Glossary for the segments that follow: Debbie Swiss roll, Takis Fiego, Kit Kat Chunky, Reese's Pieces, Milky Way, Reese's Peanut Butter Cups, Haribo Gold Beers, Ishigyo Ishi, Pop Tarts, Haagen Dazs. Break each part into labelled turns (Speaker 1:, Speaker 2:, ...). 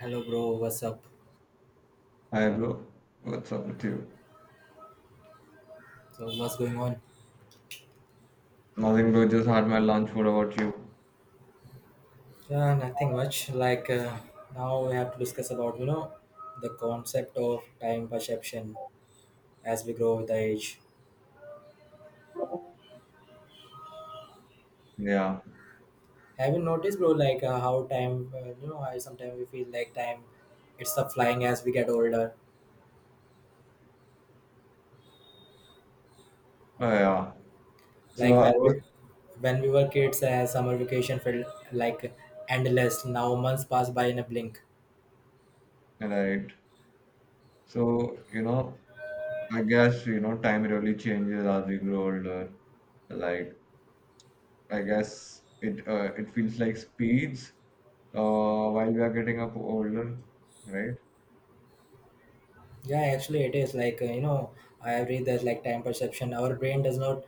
Speaker 1: Hello, bro. What's up?
Speaker 2: Hi bro, what's up with you?
Speaker 1: So, what's going on?
Speaker 2: Nothing bro, just had my lunch. What about you?
Speaker 1: Yeah, nothing much. Like now, we have to discuss about the concept of time perception as we grow with age.
Speaker 2: Yeah.
Speaker 1: Have you noticed, bro? Like how time, I sometimes we feel like time, it's a flying as we get older.
Speaker 2: Oh yeah. So
Speaker 1: Like
Speaker 2: I
Speaker 1: when
Speaker 2: was.
Speaker 1: we, when we were kids, summer vacation felt like endless. Now months pass by in a blink.
Speaker 2: Right. So I guess time really changes as we grow older. Like I guess it feels like speeds uh, while we are getting up older, right?
Speaker 1: Yeah, actually, it is like I have read that like time perception. Our brain does not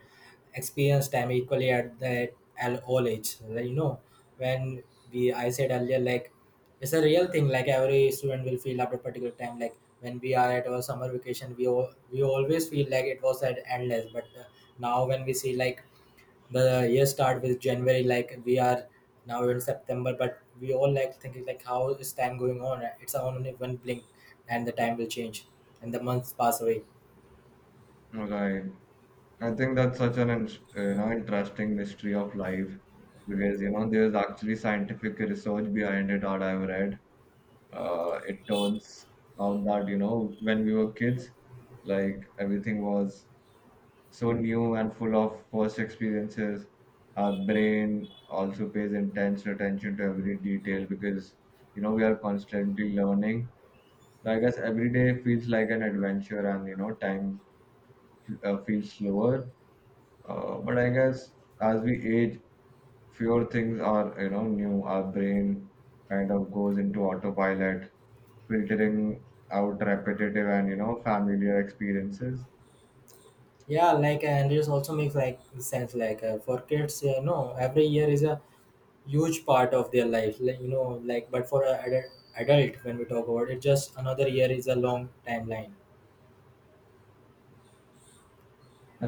Speaker 1: experience time equally at all age. Like, when we I said earlier, like it's a real thing. Like every student will feel at a particular time. Like when we are at our summer vacation, we always feel like it was at endless. But now when we see like the year start with January, like we are now in September, but we all like thinking like how is time going on? It's only one blink, and the time will change, and the months pass away.
Speaker 2: Right. I think that's such an interesting mystery of life, because there's actually scientific research behind it that I've read. It turns out that, when we were kids, like everything was so new and full of first experiences. Our brain also pays intense attention to every detail because, we are constantly learning. So I guess every day feels like an adventure and, time feels slower. But I guess as we age, fewer things are new. Our brain kind of goes into autopilot, filtering out repetitive and familiar experiences.
Speaker 1: Yeah, like and it also makes like sense. Like for kids, no, every year is a huge part of their life. Like like but for a adult when we talk about it, just another year is a long timeline.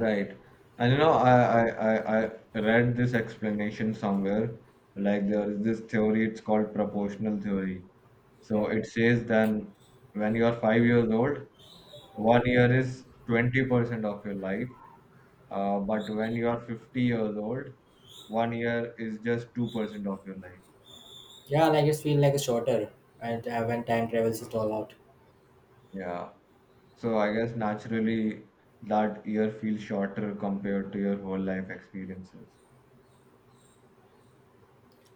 Speaker 2: Right. And i i, I read this explanation somewhere. Like there is this theory. It's called proportional theory. So
Speaker 1: Yeah,
Speaker 2: it says then when you are 5 years old, 1 year is 20% of your life. But when you are 50 years old, 1 year is just 2% of your life.
Speaker 1: yeah, like it's feel like a shorter, and when time travels it all out.
Speaker 2: Yeah. So I guess naturally that year feels shorter compared to your whole life experiences.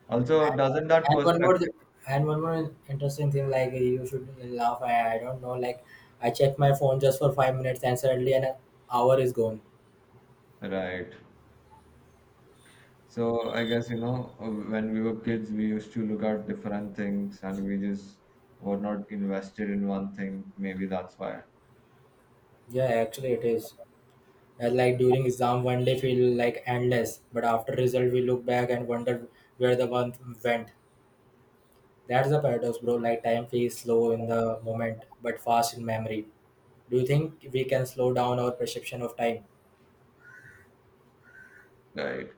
Speaker 2: Also, doesn't that
Speaker 1: And one more, th-
Speaker 2: perspective?
Speaker 1: and one more interesting thing, like you should laugh. I don't know. Like I check my phone just for 5 minutes, and suddenly an hour is gone.
Speaker 2: Right. So I guess, when we were kids, we used to look at different things and we just were not invested in one thing. Maybe that's why.
Speaker 1: Yeah, actually it is. And like during exam, one day feel like endless, but after result, we look back and wonder where the month went. That's the paradox, bro. Like time feels slow in the moment, but fast in memory. Do you think we can slow down our perception of time?
Speaker 2: Right.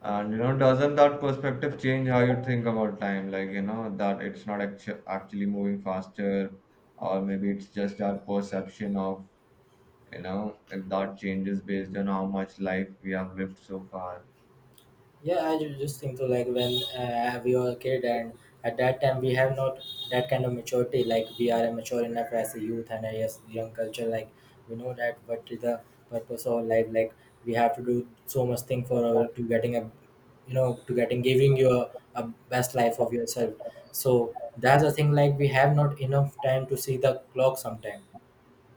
Speaker 2: And, doesn't that perspective change how you think about time? Like, that it's not actually moving faster, or maybe it's just our perception of, if that changes based on how much life we have lived so far.
Speaker 1: Yeah, I just think so. Like when we were a kid, and at that time we have not that kind of maturity. Like we are mature enough as a youth and as young culture. Like we know that what is the purpose of life. Like we have to do so much thing for our, to getting a, to getting giving you a best life of yourself. So that's the thing. Like we have not enough time to see the clock sometime.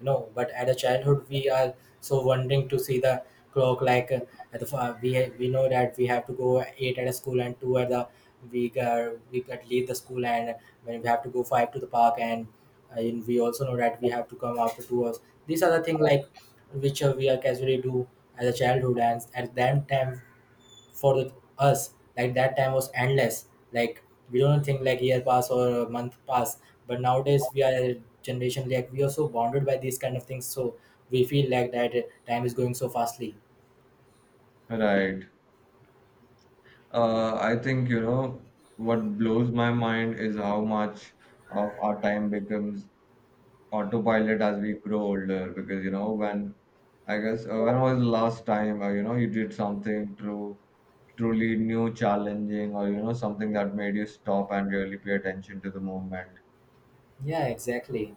Speaker 1: No, but at a childhood we are so wondering to see the clock like at the, fa- we know that we have to go eight at a school and two at the we got leave the school and when we have to go five to the park and we also know that we have to come after 2 hours. These are the things like which we are casually do as a childhood, and at that time for us like that time was endless. Like we don't think like year pass or a month pass, but nowadays we are a generation like we are so bonded by these kind of things, so we feel like that time is going so fastly.
Speaker 2: Right. I think what blows my mind is how much of our time becomes autopilot as we grow older, because you know when I guess when was the last time you did something true truly new, challenging, or something that made you stop and really pay attention to the moment,
Speaker 1: Yeah, exactly.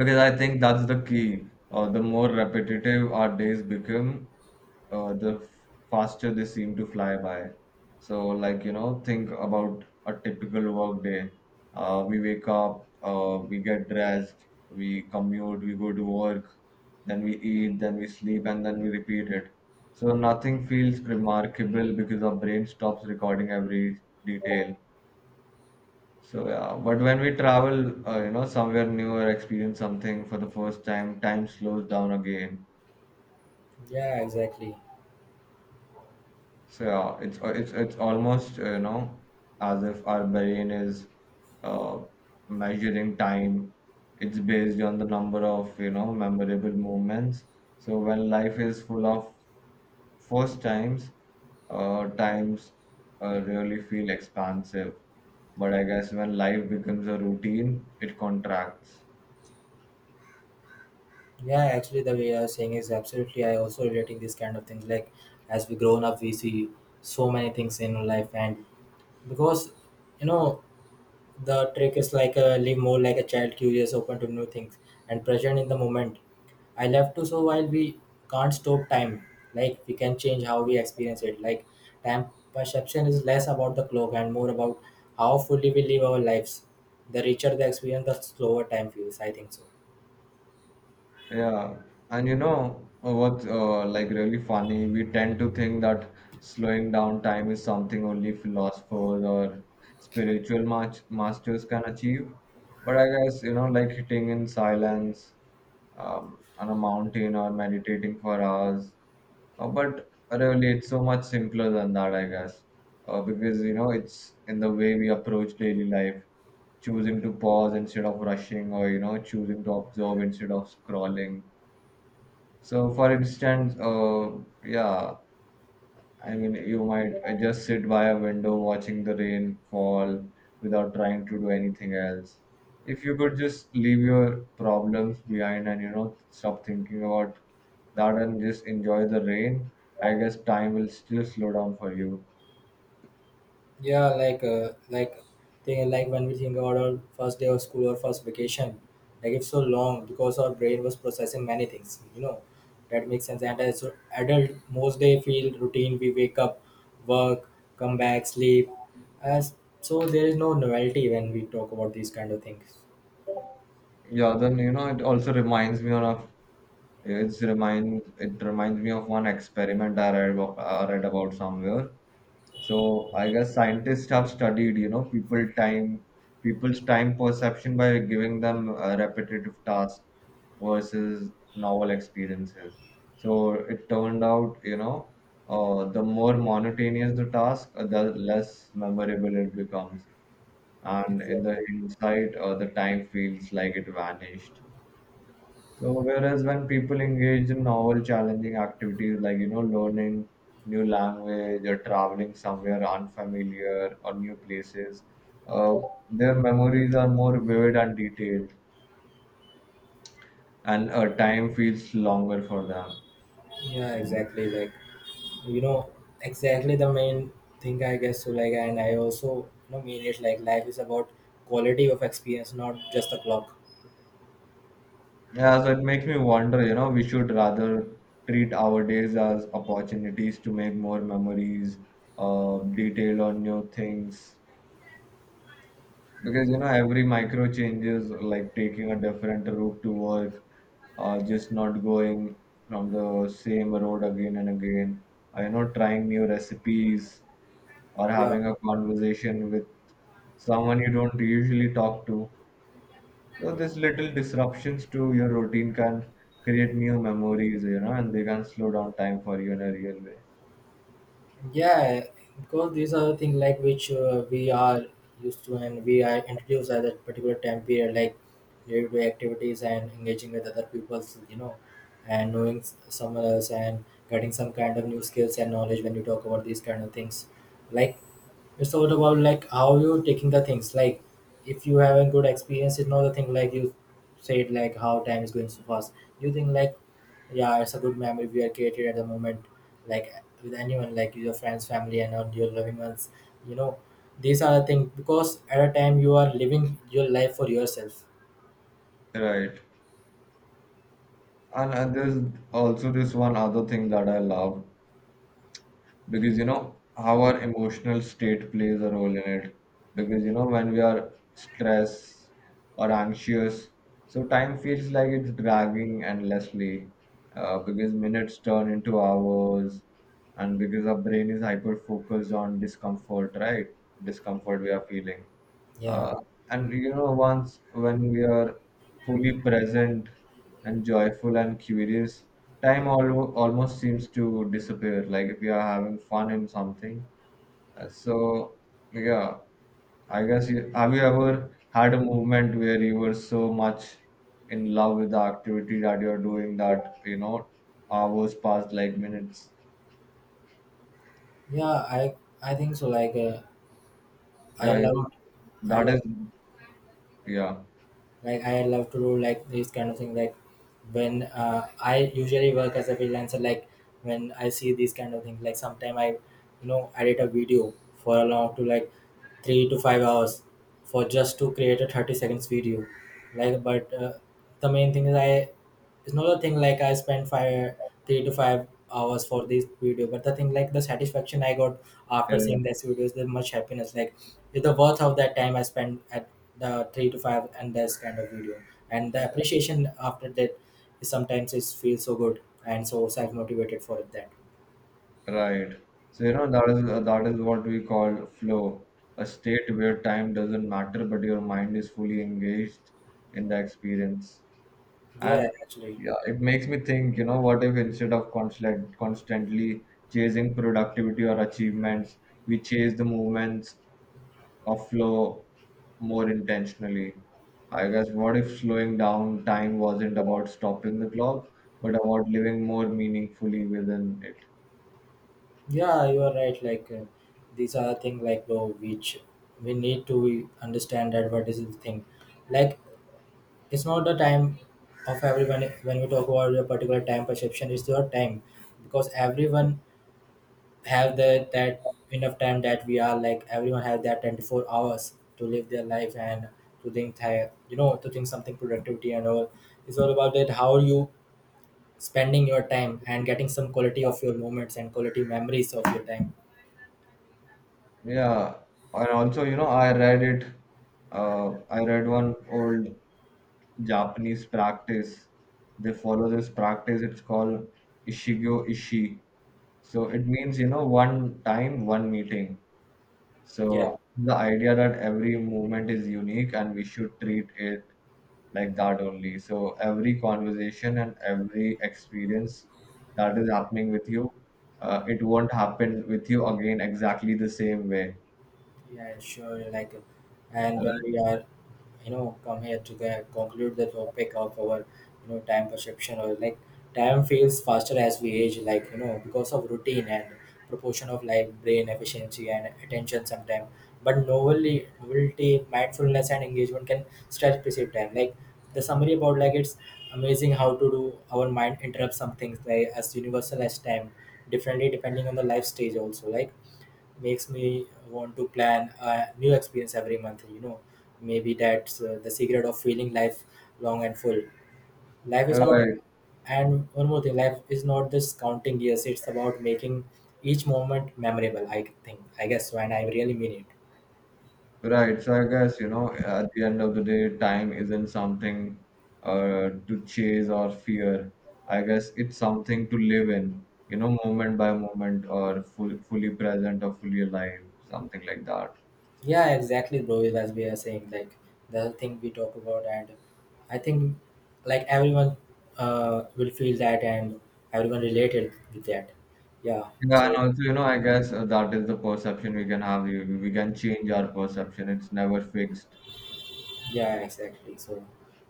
Speaker 2: because I think that's the key. The more repetitive our days become, the faster they seem to fly by. So, like, think about a typical work day. We wake up, we get dressed, we commute, we go to work. Then we eat, then we sleep, and then we repeat it. So, nothing feels remarkable because our brain stops recording every detail. So, yeah, but when we travel, somewhere new or experience something for the first time, time slows down again.
Speaker 1: Yeah, exactly.
Speaker 2: So yeah, it's almost, as if our brain is uh, measuring time. It's based on the number of memorable moments. So when life is full of first times, times really feel expansive. But I guess when life becomes a routine, it contracts.
Speaker 1: Yeah, actually the way you're saying is absolutely. I also relating these kind of things like as we grown up we see so many things in life, and because you know the trick is like a live more like a child, curious, open to new things, and present in the moment. I love to so while we can't stop time, like we can change how we experience it. Like time perception is less about the clock and more about how fully we live our lives. The richer the experience, the slower time feels. I think so.
Speaker 2: Yeah, and what's like really funny? We tend to think that slowing down time is something only philosophers or spiritual masters can achieve. But I guess, like sitting in silence on a mountain or meditating for hours. But really, it's so much simpler than that, I guess. Because, it's in the way we approach daily life, choosing to pause instead of rushing, or choosing to observe instead of scrolling. So, for instance, yeah, I mean, you might just sit by a window watching the rain fall without trying to do anything else. If you could just leave your problems behind and, stop thinking about that and just enjoy the rain, I guess time will still slow down for you.
Speaker 1: Yeah, like thing like when we think about our first day of school or first vacation, like it's so long because our brain was processing many things. That makes sense. And as adult, most day feel routine. We wake up, work, come back, sleep. As so, there is no novelty when we talk about these kind of things.
Speaker 2: Yeah, then, it also reminds me of it's remind it reminds me of one experiment I read about somewhere. So I guess scientists have studied, people's time perception by giving them a repetitive task versus novel experiences. So it turned out, the more monotonous the task, the less memorable it becomes. And in the
Speaker 1: Exactly.
Speaker 2: hindsight, the time feels like it vanished. So whereas when people engage in novel, challenging activities like learning new language or traveling somewhere unfamiliar or new places, uh, their memories are more vivid and detailed, and time feels longer for them.
Speaker 1: Yeah, exactly. Like you know exactly the main thing I guess so, like. And I also mean it. Like life is about quality of experience, not just the clock.
Speaker 2: Yeah, so it makes me wonder. We should rather treat our days as opportunities to make more memories, detail on new things. Because every micro changes, like taking a different route to work, just not going from the same road again and again, or trying new recipes, or
Speaker 1: Yeah.
Speaker 2: having a conversation with someone you don't usually talk to. So these little disruptions to your routine can create new memories, and they can slow down time for you in a real way.
Speaker 1: Yeah, because these are things like which we are used to, and we are introduced at that particular time period, like day-to-day activities and engaging with other peoples, and knowing someone else and getting some kind of new skills and knowledge when you talk about these kind of things. Like it's all about like how you're taking the things. Like if you have a good experience, it's not a thing like you said like how time is going so fast. You think like yeah, it's a good memory we are created at the moment, like with anyone like your friends, family, and not your loving ones. you know these are the things because at a time you are living your life for yourself.
Speaker 2: Right. And there's also this one other thing that I love, because our emotional state plays a role in it, because when we are stressed or anxious, so time feels like it's dragging endlessly, because minutes turn into hours, and because our brain is hyper focused on discomfort, right? Discomfort we are feeling.
Speaker 1: Yeah.
Speaker 2: Uh, and you know, once when we are fully present and joyful and curious, time almost seems to disappear. Like if you are having fun in something. So yeah, I guess have you ever had a moment where you were so much in love with the activity that you're doing that hours passed like minutes.
Speaker 1: Yeah, I think so. Like i
Speaker 2: Yeah,
Speaker 1: love i
Speaker 2: that
Speaker 1: love
Speaker 2: is. Yeah.
Speaker 1: I love to do like these kind of thing. Like when I usually work as a freelancer. Like when I see these kind of things, like sometime I edit a video for a long to like 3 to 5 hours for just to create a 30 seconds video. Like but the main thing is I it's not a thing like I spent three to five hours for this video. But the thing like the satisfaction I got after
Speaker 2: Yeah.
Speaker 1: seeing this video is the much happiness. Like it's the worth of that time I spent at the three to five and this kind of video, and the appreciation after that is sometimes it feels so good and so self motivated for that.
Speaker 2: Right. So, that is what we call flow, a state where time doesn't matter, but your mind is fully engaged in the experience.
Speaker 1: Yeah,
Speaker 2: And
Speaker 1: actually.
Speaker 2: yeah, it makes me think, what if instead of constantly chasing productivity or achievements, we chase the movements of flow more intentionally? I guess what if slowing down time wasn't about stopping the clock, but about living more meaningfully within it?
Speaker 1: Yeah, you are right. Like these are thing like bro, which we need to understand that what is the thing. Like it's not the time of everyone. When we talk about a particular time perception, it's your time. Because everyone have the that enough time, that we are like everyone have that 24 hours to live their life and to think thi- you know to think something productivity and all. It's all about that how you spending your time and getting some quality of your moments and quality memories of your time.
Speaker 2: Yeah, and also, I read it. I read one old Japanese practice. They follow this practice. It's called Ishigyo Ishi. So it means, one time, one meeting.
Speaker 1: Yeah.
Speaker 2: So the idea that every movement is unique and we should treat it like that only. So every conversation and every experience that is happening with you, it won't happen with you again exactly the same way.
Speaker 1: Yeah, sure. Like, and when we are, come here to conclude the topic of our, time perception, or like time feels faster as we age, like, because of routine and proportion of like brain efficiency and attention sometimes. But novelty, mindfulness, and engagement can stretch perceived time. Like the summary about like it's amazing how to do our mind interrupts some things like as universal as time, differently depending on the life stage also. Like makes me want to plan a new experience every month. Maybe that's the secret of feeling life long and full. Life is not
Speaker 2: Right,
Speaker 1: And one more thing, life is not just counting years, it's about making each moment memorable. I think, I guess so. And I really mean it.
Speaker 2: right. So I guess, at the end of the day, time isn't something to chase or fear. I guess it's something to live in, moment by moment, or fully present or fully alive, something like that.
Speaker 1: Yeah, exactly, bro. As we are saying, like the thing we talk about, and I think like everyone will feel that, and everyone related with that. Yeah.
Speaker 2: Yeah, and
Speaker 1: So,
Speaker 2: also, I guess that is the perception we can have. We can change our perception. It's never fixed.
Speaker 1: yeah, exactly. So,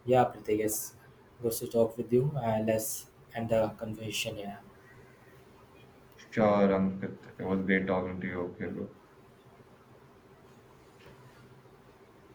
Speaker 1: yeah, Preeti, yes, good to talk with you, and let's end the conversation here.
Speaker 2: Sure, Ankit. It was great talking to you. Okay, bro.